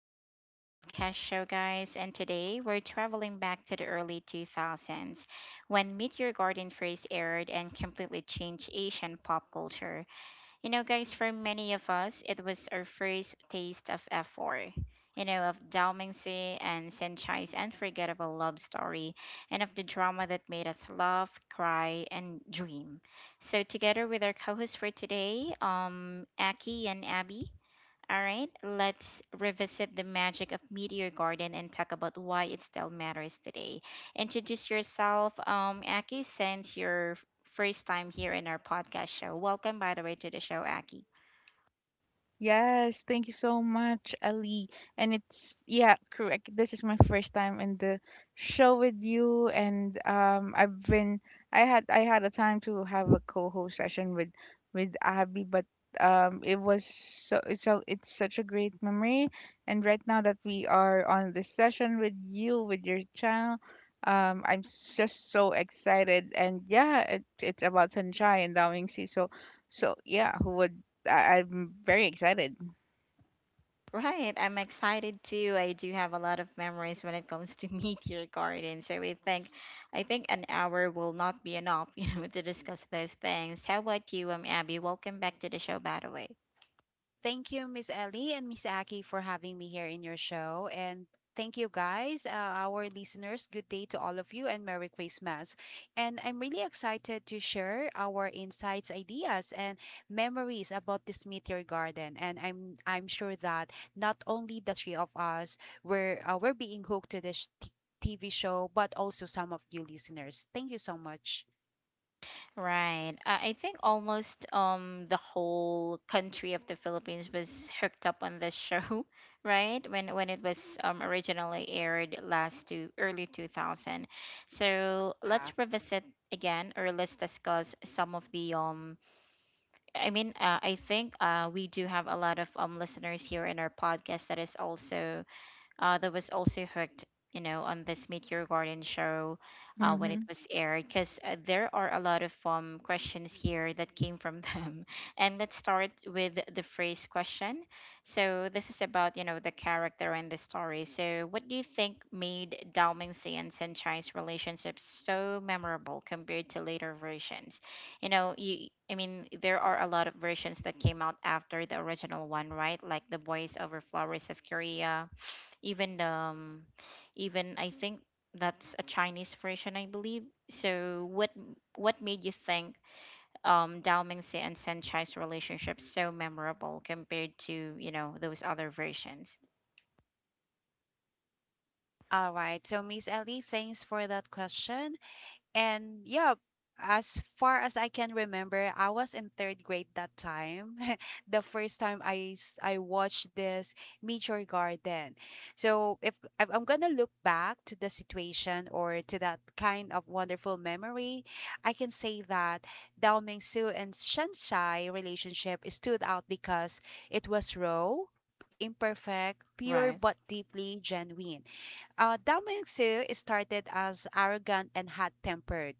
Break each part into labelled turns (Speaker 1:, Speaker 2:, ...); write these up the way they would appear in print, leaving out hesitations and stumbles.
Speaker 1: back to our podcast show, guys. And today we're traveling back to the early 2000s when Meet Your Garden first aired and completely changed Asian pop culture. You know, guys, for many of us, it was our first taste of F4. You know, of Dalmingsi and Senchai's unforgettable love story, and of the drama that made us laugh, cry, and dream. So, together with our co hosts for today, Aki and Abby, all right, let's revisit the magic of Meteor Garden and talk about why it still matters today. Introduce yourself, Aki, since you're first time here in our podcast show. Welcome, by the way, to the show, Aki.
Speaker 2: Yes, thank you so much, Ali. Correct. This is my first time in the show with you, and I had a time to have a co-host session with Abby, but it was so it's such a great memory. And right now that we are on this session with you with your channel, just so excited, and yeah, it's about Sunshine and Dawing Sea, so. So yeah, who would I'm very excited.
Speaker 1: Right, I'm excited too. I do have a lot of memories when it comes to Meteor Garden, so I think an hour will not be enough, you know, to discuss those things. How about you, Abby? Welcome back to the show, by the way.
Speaker 3: Thank you, Miss Ellie and Miss Aki, for having me here in your show. And thank you, guys, our listeners. Good day to all of you and Merry Christmas. And I'm really excited to share our insights, ideas, and memories about this meteor garden. And I'm sure that not only the three of us were we're being hooked to this TV show, but also some of you listeners. Thank you so much.
Speaker 1: Right. I think almost the whole country of the Philippines was hooked up on this show, right? When it was originally aired last to early 2000. So
Speaker 3: Yeah.
Speaker 1: let's revisit again or let's discuss some of the I mean, I think we do have a lot of listeners here in our podcast that is also, that was also hooked, you know, on this Meet Your Garden show when it
Speaker 2: hmm
Speaker 1: was aired, because there are a lot of questions here that came from them. And let's start with the phrase question. So this is about, you know, the character and the story. So what do you think made Dao Mingxi and Sanchai's relationship so memorable compared to later versions? You know, you, I mean, there are a lot of versions that came out after the original one, right? Like The Boys Over Flowers of Korea, even um even I think that's a Chinese version, I believe. So what made you think Dao Mingxi and Sanchai's relationship so memorable compared to, you know, those other versions?
Speaker 3: All right. So, Miss Ellie, thanks for that question. And yeah, as far as I can remember, I was in third grade that time. The first time I watched this Meteor Garden. So if I'm gonna look back to the situation or to that kind of wonderful memory, I can say that Dao Ming Su and Shanshai relationship stood out because it was raw, imperfect, pure but
Speaker 1: Right.
Speaker 3: deeply genuine. Dao ming started as arrogant and hot-tempered,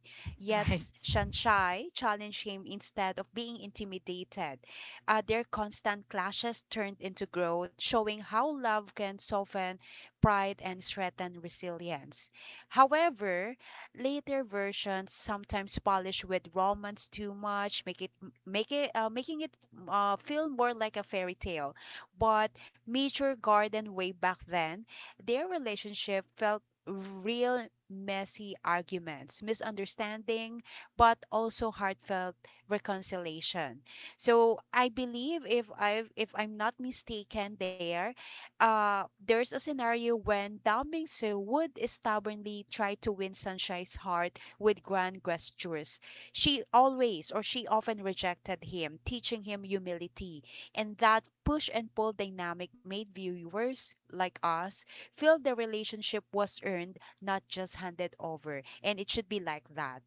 Speaker 3: yet
Speaker 1: Right.
Speaker 3: Shanshai challenged him instead of being intimidated. Their constant clashes turned into growth, showing how love can soften pride and strengthen resilience. However, later versions sometimes polish with romance too much, make it making it feel more like a fairy tale. But mature garden way back then their relationship felt real messy arguments, misunderstanding, but also heartfelt reconciliation. So I believe if I if I'm not mistaken there, there's a scenario when Dao Mingsu would stubbornly try to win Sunshine's heart with grand gestures. She always or she often rejected him, teaching him humility. And that push and pull dynamic made viewers like us feel the relationship was earned, not just handed over. And it should be like that.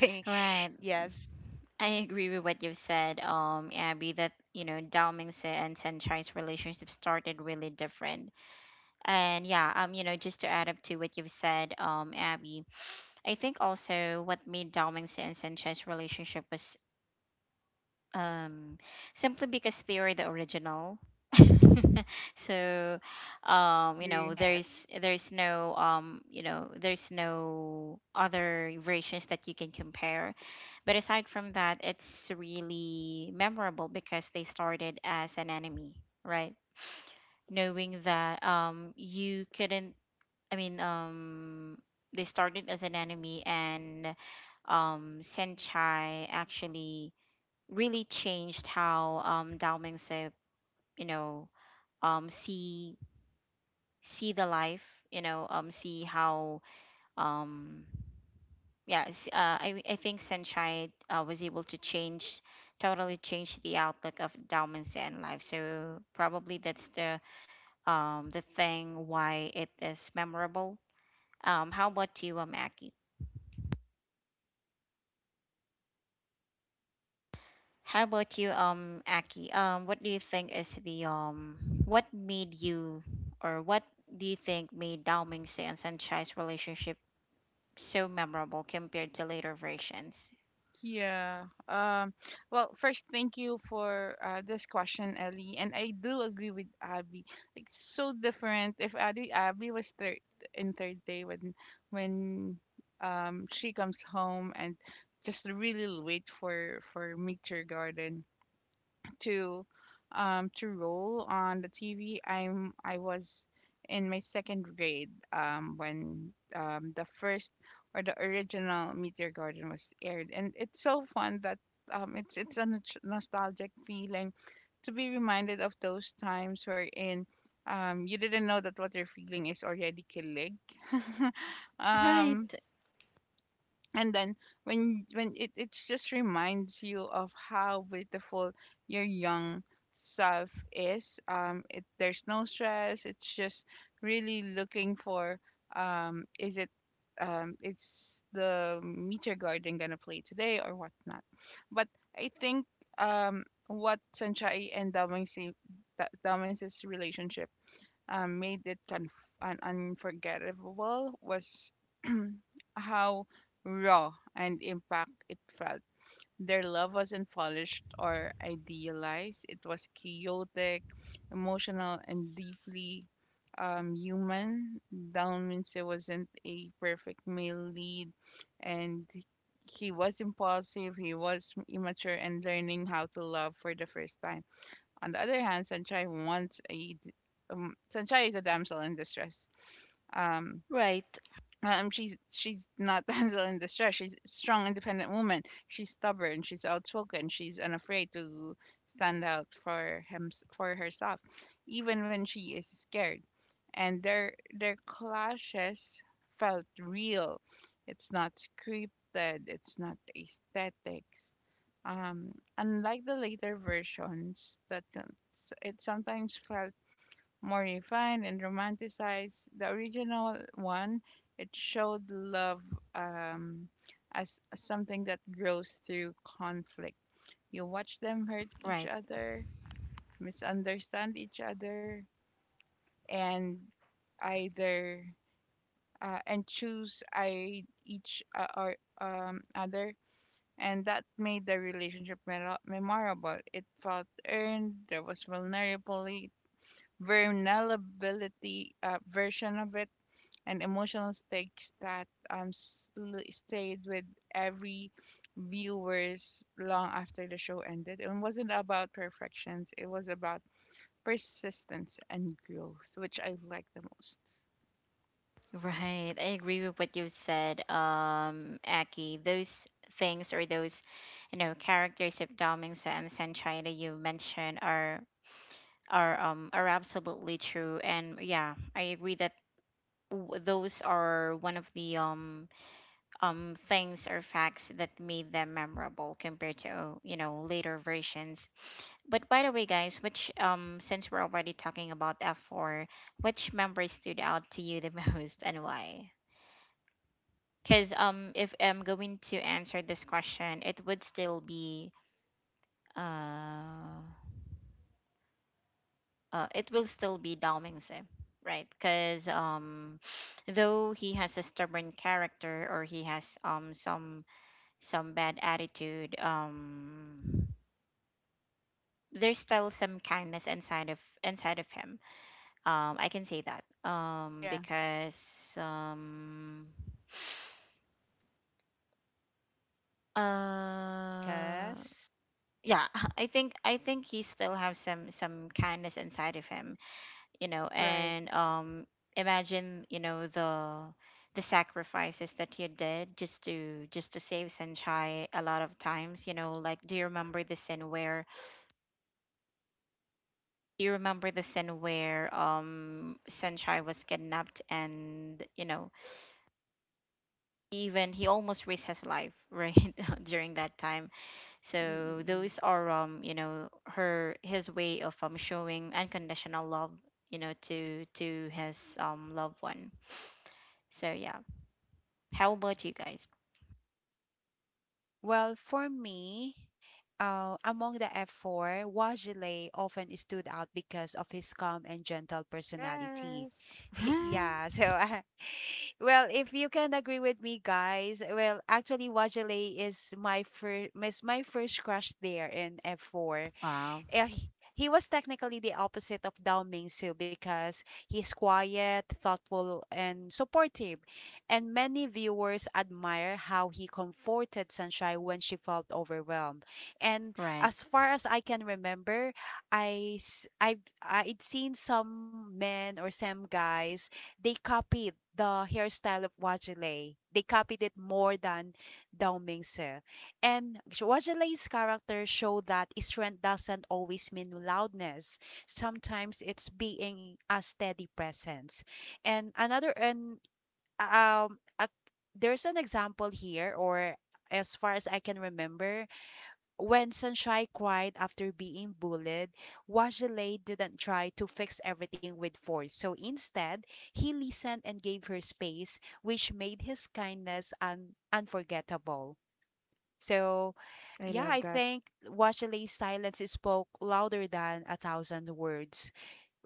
Speaker 1: Right.
Speaker 3: Yes.
Speaker 1: I agree with what you've said, Abby, that, you know, Dao Mingxi and Sanchai's relationship started really different. And yeah, you know, just to add up to what you've said, Abby, I think also what made Dalmingson and Sanchez relationship was um simply because they were the original. So, you know,
Speaker 2: Agree.
Speaker 3: Yes.
Speaker 1: there's no, you know, there's no other versions that you can compare. But aside from that, it's really memorable because they started as an enemy, right? Knowing that you couldn't, I mean, they started as an enemy, and Senchai actually really changed how, Dao Mingse, you know, um, see see the life, you know, see how, um, yeah, I think Senchai, was able to change totally change the outlook of Dao Mingse and life. So probably that's the thing why it is memorable. How about you, Aki? How about you, Aki? What do you think is the what made you, or what do you think made Dao Mingxi and Sanchai's relationship so memorable compared to later versions?
Speaker 2: Yeah. Um, well, first, thank you for this question, Ellie. And I do agree with Abby. Like, so different. If Abby was third in third day when she comes home and just really wait for meet your garden to to roll on the TV. I was in my second grade when the first or the original Meteor Garden was aired, and it's so fun that it's a nostalgic feeling to be reminded of those times wherein you didn't know that what you're feeling is already kilig. um,
Speaker 1: Right,
Speaker 2: and then it just reminds you of how beautiful your young self is. It there's no stress, it's just really looking for is it it's the meteor garden gonna play today or whatnot. But I think what Sanchai and Dalmansi- Da- relationship made it unforgettable was how raw and impact it felt. Their love wasn't polished or idealized. It was chaotic, emotional, and deeply human. Down means wasn't a perfect male lead, and he was impulsive, he was immature, and learning how to love for the first time. On the other hand, Sanchai is a damsel in distress. Um,
Speaker 1: right,
Speaker 2: she's not damsel in distress. She's a strong, independent woman. She's stubborn. She's outspoken. She's unafraid to stand out for him, for herself, even when she is scared. And their clashes felt real. It's not scripted. It's not aesthetics. Um, Unlike the later versions, that it sometimes felt more refined and romanticized the original one. It showed love um, as something that grows through conflict. You watch them hurt each
Speaker 1: right,
Speaker 2: other, misunderstand each other, and either and choose I each or other, and that made the relationship memorable. It felt earned. There was vulnerability, vulnerability version of it and emotional stakes that stayed with every viewers long after the show ended. It wasn't about perfections, it was about persistence and growth, which I like the most.
Speaker 1: right. I agree with what you said, Aki. Those things or those, you know, characters of Dao and Sanchai that you mentioned are absolutely true, and yeah, I agree that those are one of the things or facts that made them memorable compared to, you know, later versions. But by the way, guys, which, since we're already talking about F4, which member stood out to you the most, and why? Because if I'm going to answer this question, it would still be uh, it will still be Dalming Sim, right? Because though he has a stubborn character, or he has some bad attitude, there's still some kindness inside of him, I can say that,
Speaker 2: Yeah,
Speaker 1: because uh
Speaker 3: Because,
Speaker 1: yeah, I think he still has some kindness inside of him, you know.
Speaker 2: right.
Speaker 1: And imagine, you know, the sacrifices that he did just to save Sanchai a lot of times, you know, like, do you remember the scene where, do you remember the scene where Senchai was kidnapped? And, you know, even he almost risked his life, right, during that time. So
Speaker 3: mm-mm-mm.
Speaker 1: those are, you know, her his way of showing unconditional love, you know, to his, loved one. So yeah, how about you guys?
Speaker 3: Well, for me, among the F4, Wajile often stood out because of his calm and gentle personality.
Speaker 2: Yes.
Speaker 3: Yeah, so, well, if you can agree with me, guys, well, actually, Wajile is my first crush there in F4.
Speaker 1: Right? Wow.
Speaker 3: Eh, he was technically the opposite of Dao Mingsu because he's quiet, thoughtful, and supportive. And many viewers admire how he comforted Sunshine when she felt overwhelmed. And
Speaker 1: Right.
Speaker 3: as far as I can remember, I s- I've I'd seen some men or some guys they copied the hairstyle of Wajile. They copied it more than Dao Mingse. And Wajalai's character show that strength doesn't always mean loudness. Sometimes it's being a steady presence. And another and a, there's an example here or as far as I can remember, when Sunshine cried after being bullied, Wajalay didn't try to fix everything with force. So instead, he listened and gave her space, which made his kindness unforgettable. So,
Speaker 2: I
Speaker 3: yeah,
Speaker 2: love
Speaker 3: I
Speaker 2: that.
Speaker 3: think Wachalay's silence spoke louder than a thousand words.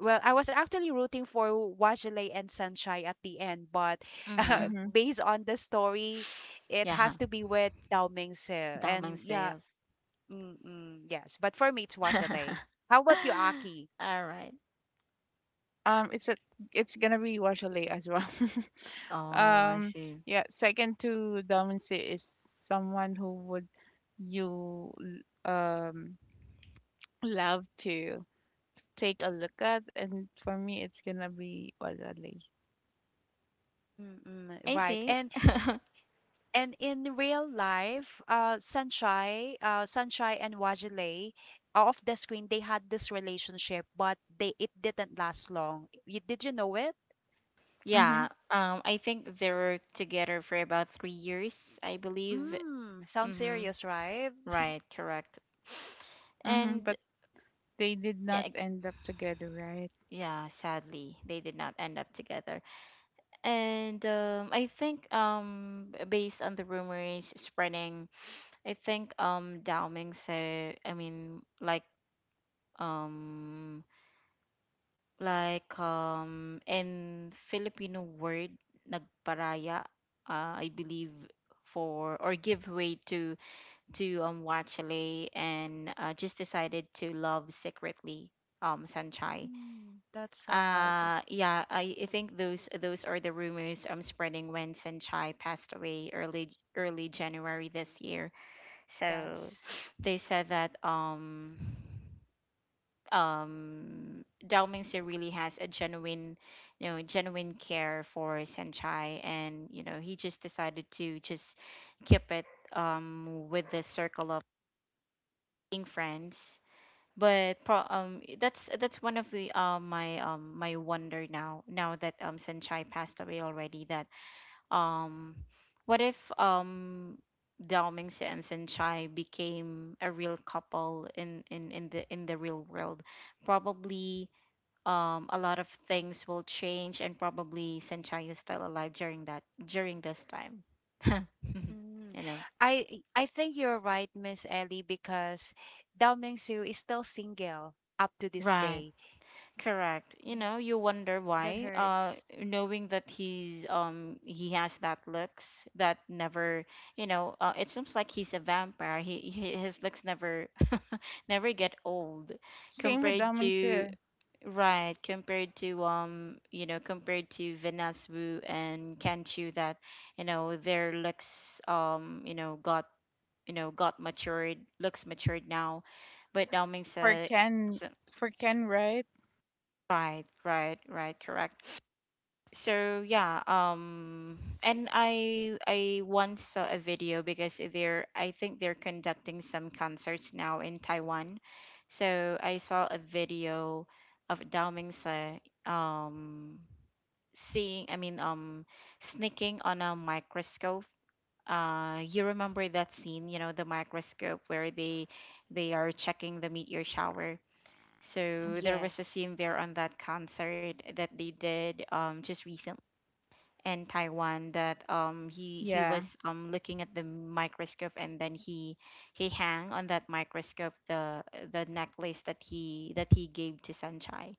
Speaker 3: Well, I was actually rooting for Wachalay and Sanchai at the end, but
Speaker 1: Mhm.
Speaker 2: Mm-hmm.
Speaker 3: based on the story, it
Speaker 1: Yeah.
Speaker 3: has to be with Dao Mingse.
Speaker 1: Damang
Speaker 3: And yeah,
Speaker 1: sales.
Speaker 3: mm-mm, yes, but for me, it's
Speaker 1: All
Speaker 3: Wachalay. How about you, Aki?
Speaker 1: right.
Speaker 2: Um, it's a, it's gonna be Washalay as well.
Speaker 1: Oh, I
Speaker 2: um,
Speaker 1: see.
Speaker 2: yeah. Second to Domincy is someone who would you um love to take a look at, and for me, it's gonna be Walale.
Speaker 3: Mm-mm,
Speaker 1: I
Speaker 3: right.
Speaker 1: see.
Speaker 3: And in real life, Sanchai and Wajile, off the screen, they had this relationship, but they it didn't last long. You, did you know it?
Speaker 2: Mm-hmm,
Speaker 1: Yeah. I think they were together for about 3 years, I believe.
Speaker 3: Mm, sounds
Speaker 1: Mm-hmm.
Speaker 3: serious, right?
Speaker 1: Right. Correct.
Speaker 2: mm-hmm.
Speaker 1: And
Speaker 2: But they did not
Speaker 1: yeah,
Speaker 2: end up together, right?
Speaker 1: yeah. Sadly, they did not end up together. And I think, based on the rumors spreading, I think, Dao Ming said. I mean, like, um. In Filipino word, nagparaya, I believe, for or give way to Wachale, and just decided to love secretly Sanchai.
Speaker 3: Mm, that's sad.
Speaker 1: Yeah, I think those are the rumors spreading when Sanchai passed away early early January this year. So
Speaker 3: Yes.
Speaker 1: they said that Dao Mingxi really has a genuine, you know, genuine care for Senchai, and you know he just decided to just keep it with the circle of being friends. But that's one of the my, my wonder, now now that Senchai passed away already, that um what if Dao Mingxi and Senchai became a real couple in the real world, probably, a lot of things will change, and probably Sanchai is still alive during that during this time.
Speaker 3: Mm.
Speaker 1: You know.
Speaker 3: I think you're right, Miss Ellie, because Dao Ming Su is still single up to this
Speaker 1: Right.
Speaker 3: day.
Speaker 1: Correct. You
Speaker 3: Mm,
Speaker 1: know, you wonder
Speaker 3: that
Speaker 1: why.
Speaker 3: hurts.
Speaker 1: Knowing that he's, he has that looks that never, you know, it seems like he's a vampire. He his looks never never get old
Speaker 2: Same with
Speaker 1: compared
Speaker 2: Dominic
Speaker 1: to. Right, compared to, you know, compared to Venus Wu and Kanchu that, you know, their looks, you know, got, you know, got matured, looks matured now. But Dao
Speaker 2: for
Speaker 1: Mingsa,
Speaker 2: Ken,
Speaker 1: so-
Speaker 2: right?
Speaker 1: right, right, right, correct. So yeah, and I once saw a video because they're, I think they're, conducting some concerts now in Taiwan. So I saw a video of Dao Mingsa, um seeing, I mean, sneaking on a microscope. You remember that scene, you know, the microscope where they are checking the meteor shower. So there was a
Speaker 3: Yes.
Speaker 1: scene there on that concert that they did, just recently in Taiwan, that he
Speaker 2: Yeah,
Speaker 1: was, looking at the microscope, and then he hang on that microscope the necklace that he gave to Sanchai.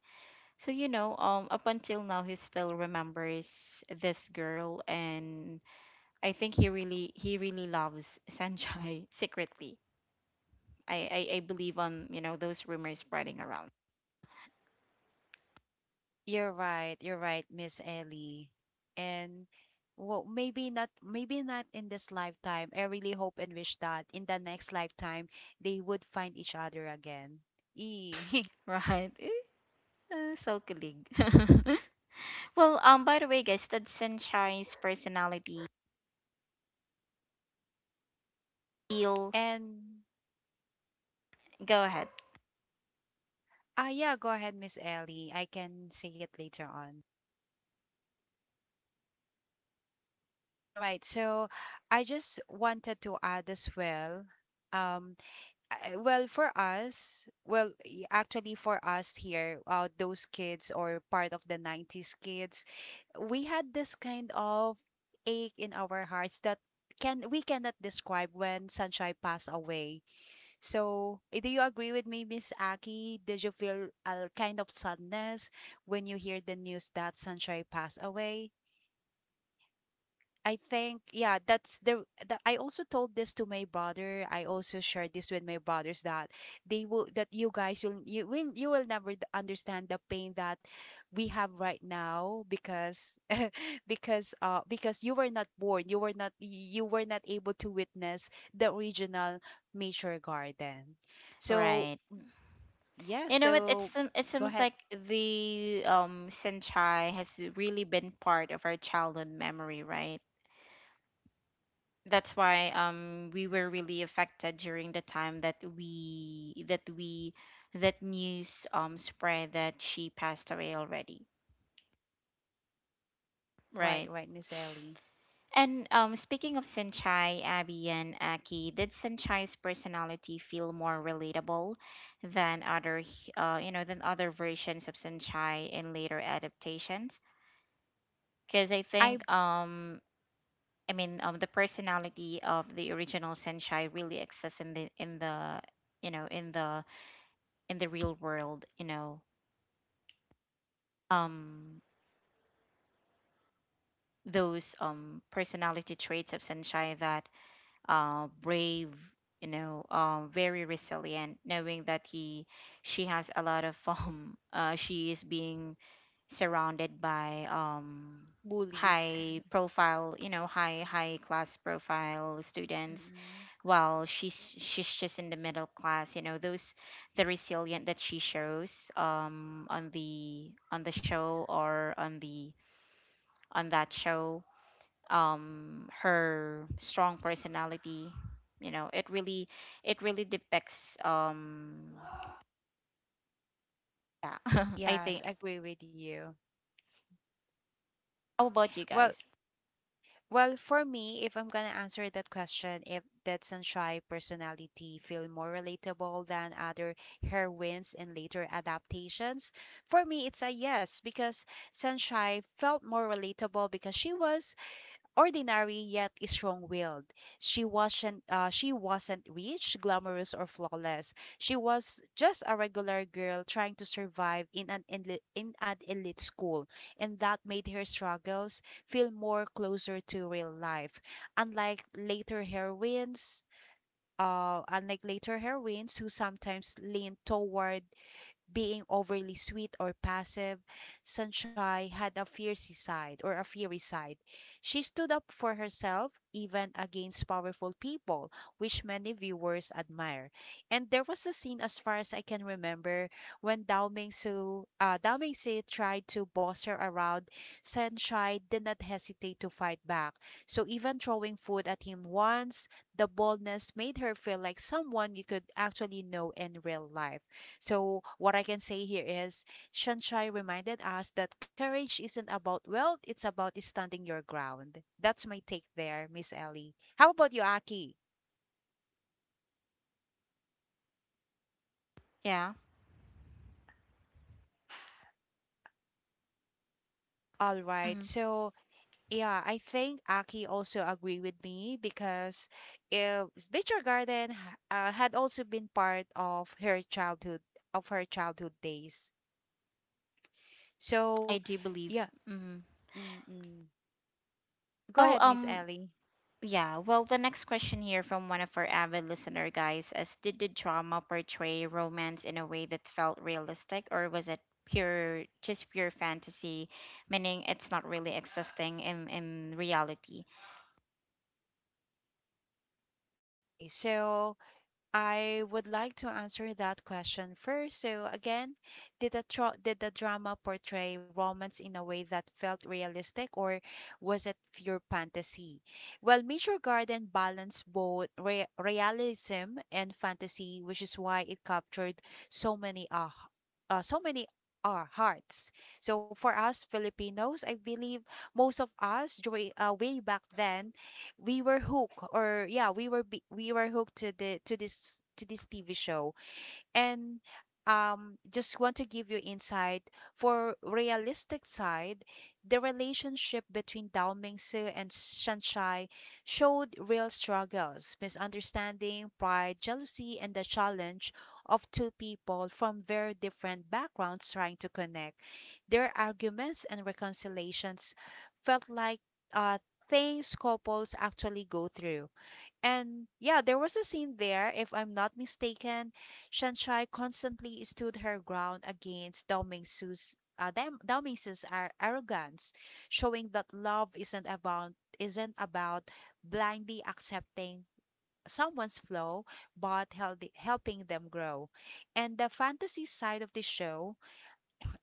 Speaker 1: So, you know, up until now, he still remembers this girl, and I think he really loves Sanjay, secretly. I believe on, you know, those rumors spreading around.
Speaker 3: You're right. You're right, Miss Ellie. And well, maybe not in this lifetime. I really hope and wish that in the next lifetime they would find each other again. E.
Speaker 1: Right. Eh, so kilig. Well, by the way, guys, did Sanchai's personality feel?
Speaker 3: And
Speaker 1: Go ahead.
Speaker 3: ah, yeah, go ahead, Miss Ellie. I can say it later on. All right. So I just wanted to add as well. Um, well for us well actually for us here those kids or part of the 90s kids we had this kind of ache in our hearts that can we cannot describe when sunshine passed away. So eh, do you agree with me, miss aki? Did you feel a kind of sadness when you hear the news that sunshine passed away? I think yeah, that's the. I also told this to my brother. I also shared this with my brothers that they will that you guys will you will you will never understand the pain that we have right now because because you were not born, you were not able to witness the original nature garden. So
Speaker 1: Right.
Speaker 3: yeah,
Speaker 1: You know what? It's
Speaker 3: so
Speaker 1: it
Speaker 3: go
Speaker 1: seems
Speaker 3: ahead.
Speaker 1: like the, Sanchai, has really been part of our childhood memory, right? That's why we were
Speaker 3: Yes.
Speaker 1: really affected during the time that we that we that news spread that she passed away already,
Speaker 3: Right,
Speaker 1: right.
Speaker 3: right, Miss Ellie.
Speaker 1: And speaking of Senchai, Abby and Aki, did Senchai's personality feel more relatable than other you know, than other versions of Senchai in later adaptations? Because I
Speaker 3: I
Speaker 1: think I mean, the personality of the original Senshai really exists in the in the, you know, in the real world. You know, um, those personality traits of Senshai that, brave, you know, very resilient, knowing that he, she has a lot of, she is being surrounded by,
Speaker 3: bullies.
Speaker 1: high profile, you know, high high class profile students,
Speaker 3: Mm,
Speaker 1: while she's just in the middle class. You know, those the resilient that she shows, on the show, or on the on that show, her strong personality, you know, it really, it really depicts, yeah, I
Speaker 3: yes,
Speaker 1: think
Speaker 3: I agree with you.
Speaker 1: how about you
Speaker 3: Well,
Speaker 1: guys?
Speaker 3: well, for me, if I'm gonna answer that question, if that sunshine personality feel more relatable than other heroines in later adaptations, for me it's a yes because Sunshine felt more relatable because she was ordinary yet strong-willed. She wasn't rich, glamorous or flawless. She was just a regular girl trying to survive in an in an elite school, and that made her struggles feel more closer to real life. Unlike later heroines, unlike later heroines who sometimes lean toward being overly sweet or passive, Sunshine had a fiery side. She stood up for herself even against powerful people, which many viewers admire. And there was a scene as far as I can remember when Dao Mingsi tried to boss her around, Sunshine did not hesitate to fight back. So even throwing food at him once, the boldness made her feel like someone you could actually know in real life. So, what I can say here is Shanshai reminded us that courage isn't about wealth, it's about standing your ground. That's my take there, Miss Ellie. How about you, Aki?
Speaker 1: Yeah.
Speaker 3: All right.
Speaker 1: Mhm,
Speaker 3: So, yeah, I think Aki also agree with me because uh, Nature Garden had also been part of her childhood days. So,
Speaker 1: I do believe.
Speaker 3: yeah.
Speaker 1: Mhm.
Speaker 3: Mm-mm. Go
Speaker 1: Well,
Speaker 3: ahead, Miss Ellie.
Speaker 1: yeah, well, the next question here from one of our avid listener guys is, did the drama portray romance in a way that felt realistic, or was it pure just pure fantasy, meaning it's not really existing in reality?
Speaker 3: Okay, so I would like to answer that question first. So again, did the did the drama portray romance in a way that felt realistic or was it pure fantasy? Well, Major Garden balanced both realism and fantasy, which is why it captured so many uh, so many our hearts. So for us Filipinos, I believe most of us during way back then we were hooked or yeah we were hooked to the to this tv show, and just want to give you insight for realistic side. The relationship between Dao Mingsu and Shanshai showed real struggles misunderstanding pride jealousy and the challenge of two people from very different backgrounds trying to connect. Their arguments and reconciliations felt like uh things couples actually go through. And yeah, there was a scene there, if I'm not mistaken, Shanshai constantly stood her ground against Dao Mingsu's arrogance, showing that love isn't about blindly accepting someone's flaw but healthy, helping them grow. And the fantasy side of the show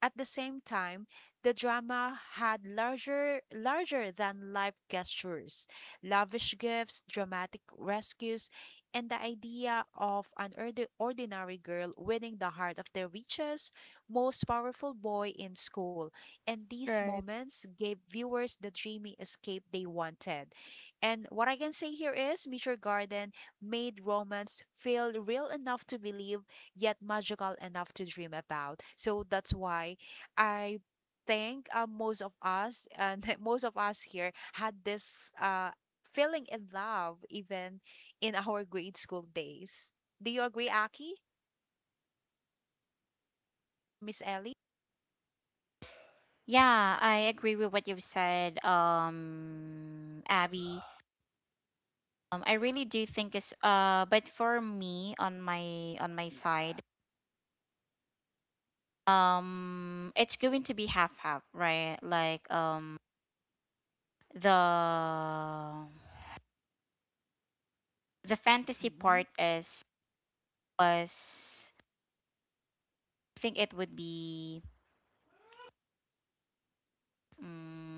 Speaker 3: at the same time, the drama had larger than life gestures, lavish gifts, dramatic rescues, and the idea of an ordinary girl winning the heart of the richest, most powerful boy in school. And these
Speaker 2: right.
Speaker 3: moments gave viewers the dreamy escape they wanted. And what I can say here is Meteor Garden made romance feel real enough to believe yet magical enough to dream about. So that's why I think most of us and most of us here had this feeling in love even in our grade school days. Do you agree, Aki or Miss Ellie?
Speaker 1: Yeah, I agree with what you've said, Abby. I really do think it's but for me on my side, it's going to be half half, right? The the fantasy
Speaker 3: Mm-hmm.
Speaker 1: part is was I think it would be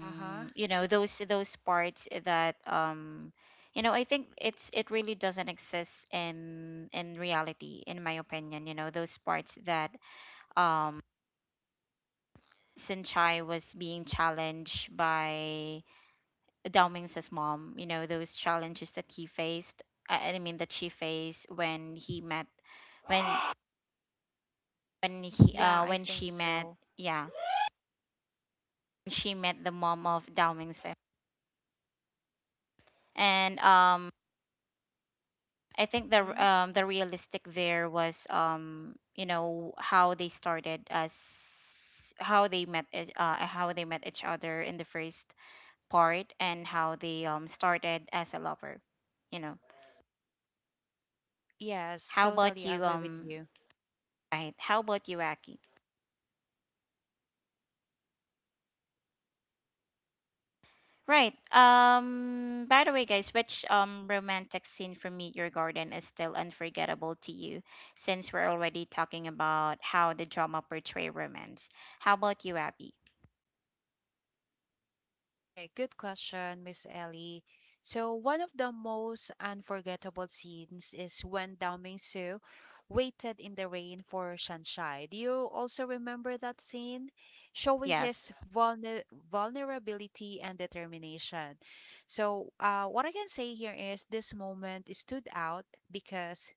Speaker 3: Uh huh.
Speaker 1: you know those parts that, you know, I think it's it really doesn't exist in reality in my opinion. You know those parts that um Sinchai was being challenged by Dao Ming's mom, you know, those challenges that he faced, I mean that she faced when he met when when he
Speaker 3: Yeah,
Speaker 1: uh
Speaker 3: I
Speaker 1: when
Speaker 3: think
Speaker 1: she met,
Speaker 3: so.
Speaker 1: yeah, she met the mom of Dao Ming's. And I think the r-
Speaker 3: Mm-hmm.
Speaker 1: um the realistic there was, um, you know how they started as, how they met how they met each other in the first part and how they started as a lover, you know.
Speaker 3: Yes,
Speaker 1: How about
Speaker 3: totally
Speaker 1: you
Speaker 3: agree with you.
Speaker 1: right? How about you, Aki? Right. Um, by the way guys, which romantic scene from Meet Your Garden is still unforgettable to you, since we're already talking about how the drama portray romance. How about you, Abby?
Speaker 3: Okay, good question, Miss Ellie. So, one of the most unforgettable scenes is when Daoming Su waited in the rain for Shanshai. Do you also remember that scene? Showing
Speaker 1: Yes.
Speaker 3: his vulnerability and determination. So, what I can say here is this moment stood out because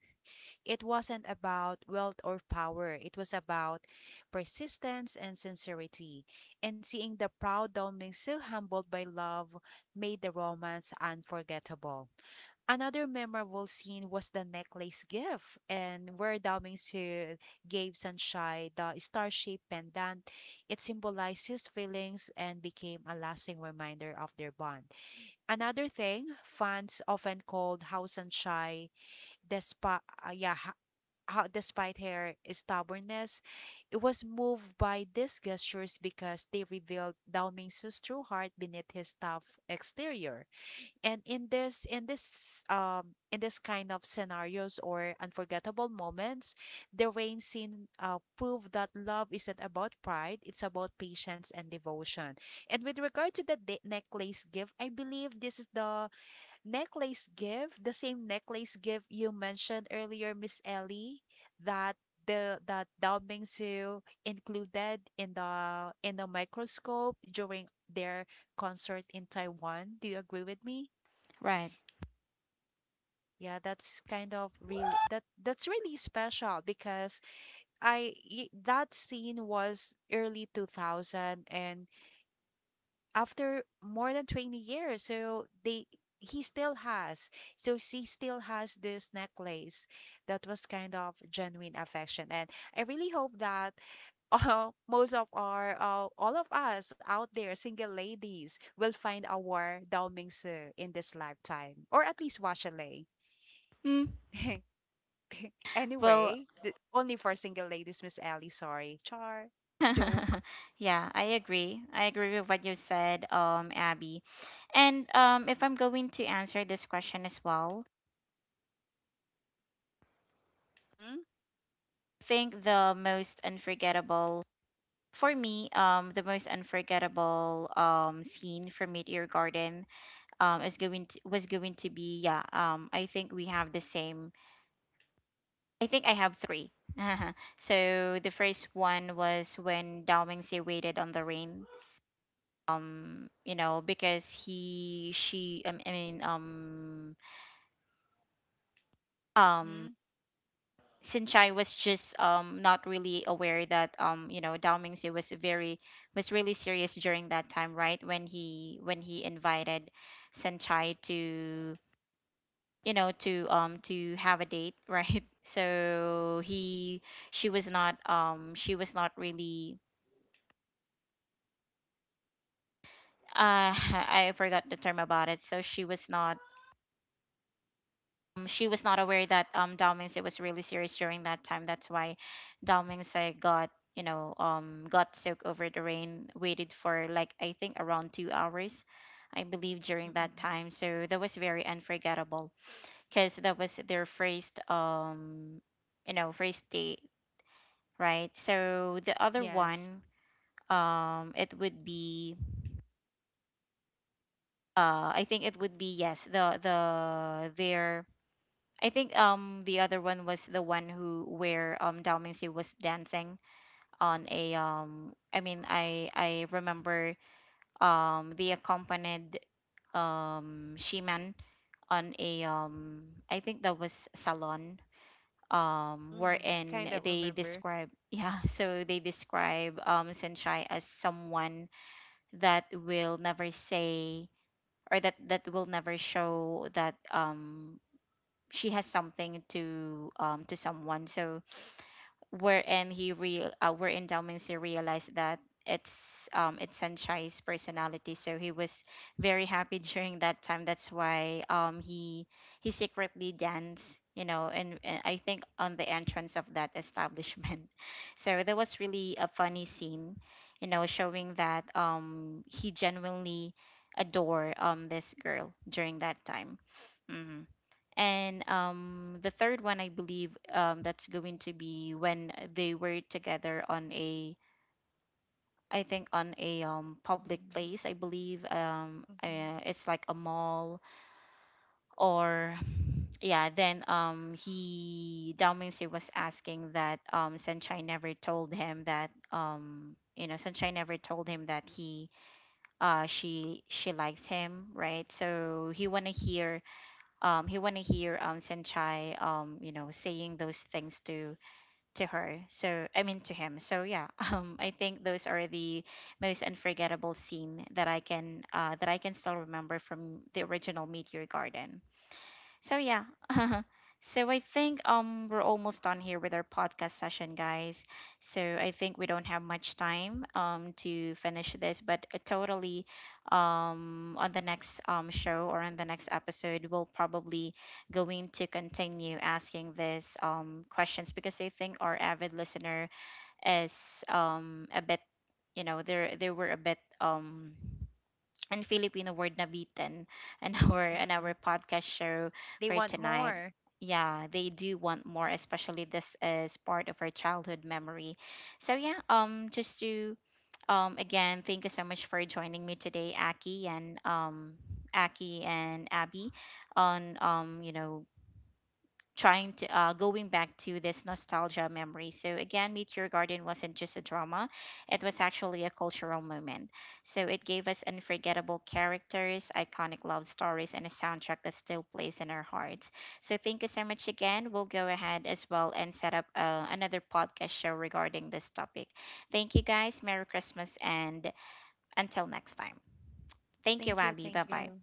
Speaker 3: it wasn't about wealth or power. It was about persistence and sincerity. And seeing the proud Doming so humbled by love made the romance unforgettable. Another memorable scene was the necklace gift, and where Doming Su gave Sunshine the star shaped pendant. It symbolized his feelings and became a lasting reminder of their bond. Another thing, fans often called House Sunshine the spa, yeah, how despite her stubbornness, it was moved by these gestures because they revealed Dao Mingsu's true heart beneath his tough exterior. And in this kind of scenarios or unforgettable moments, the rain scene proved that love isn't about pride, it's about patience and devotion. And with regard to the necklace gift, I believe this is the necklace gift, the same necklace gift you mentioned earlier, Miss Ellie, that the that Dao Mingsu included in the microscope during their concert in Taiwan. Do you agree with me?
Speaker 1: Right.
Speaker 3: Yeah, that's kind of really that's really special because that scene was early 2000 and after more than 20 years so they he still has so she still has this necklace. That was kind of genuine affection and I really hope that most of our all of us out there single ladies will find our Dao Mingsu in this lifetime or at least Washalay.
Speaker 1: Mm, well,
Speaker 3: Anyway only for single ladies miss ellie sorry char joke.
Speaker 1: yeah, I agree. I agree with what you said, Abby. And if I'm going to answer this question as well,
Speaker 3: Mm-hmm.
Speaker 1: I think the most unforgettable for me, the most unforgettable scene from Meteor Garden is going to was going to be, yeah, um, I think we have the same. I think I have three. So the first one was when Dao Mingxi waited on the rain, you know because he she I mean um
Speaker 3: Mm-hmm.
Speaker 1: Sinchai was just not really aware that you know Dao Mingxi was very was really serious during that time, right? When he invited Sinchai to, you know, to have a date, right? So he she was not really, uh, I forgot the term about it. So she was not, um, she was not aware that Dao Mingse was really serious during that time. That's why Dao Mingse got, you know, got soaked over the rain. Waited for like I think around 2 hours, I believe during that
Speaker 3: Mm-mm-mm.
Speaker 1: time. So that was very unforgettable because that was their first um, you know, first date, right? So the other
Speaker 3: Yes.
Speaker 1: one it would be, uh, I think it would be, yes, their, I think, um, the other one was the one who where Dao Mingxi was dancing on a um, I mean I remember they accompanied Shiman on a um, I think that was salon, um,
Speaker 3: Mm, I
Speaker 1: wherein
Speaker 3: kind of
Speaker 1: they
Speaker 3: remember.
Speaker 1: describe, yeah, so they describe Senshai as someone that will never say or that will never show that she has something to someone. So wherein he real wherein Dao realized that it's Sanchai's personality. So he was very happy during that time. That's why he secretly danced, you know, and I think on the entrance of that establishment. So that was really a funny scene, you know, showing that he genuinely adore this girl during that time. Mm-hmm. And the third one, I believe, that's going to be when they were together on a, I think, on a public
Speaker 3: Mhm.
Speaker 1: place. I believe
Speaker 3: Mm-hmm.
Speaker 1: it's like a mall or, yeah. Then he Dao Mingxi was asking that Sunshine never told him that you know Sunshine never told him that he she likes him, right? So he wanna hear he want to hear Senchai you know saying those things to her, so I mean to him. So yeah, um, I think those are the most unforgettable scene that I can still remember from the original Meteor Garden. So yeah. So I think we're almost done here with our podcast session, guys. So I think we don't have much time to finish this, but totally on the next show or on the next episode we'll probably going to continue asking this questions because I think our avid listener is a bit, you know, they were a bit and Filipino word na beaten and our
Speaker 3: Mm-hmm.
Speaker 1: podcast show
Speaker 3: They
Speaker 1: for
Speaker 3: want
Speaker 1: tonight.
Speaker 3: more.
Speaker 1: Yeah, they do want more, especially this is part of our childhood memory. So yeah, um, just to again thank you so much for joining me today, Aki and Abby, on you know trying to going back to this nostalgia memory. So again, Meteor Garden wasn't just a drama; it was actually a cultural moment. So it gave us unforgettable characters, iconic love stories, and a soundtrack that still plays in our hearts. So thank you so much again. We'll go ahead as well and set up another podcast show regarding this topic. Thank you guys. Merry Christmas and until next time. Thank you,
Speaker 3: Thank you,
Speaker 1: Abby. Bye
Speaker 3: thank
Speaker 1: bye.
Speaker 3: you.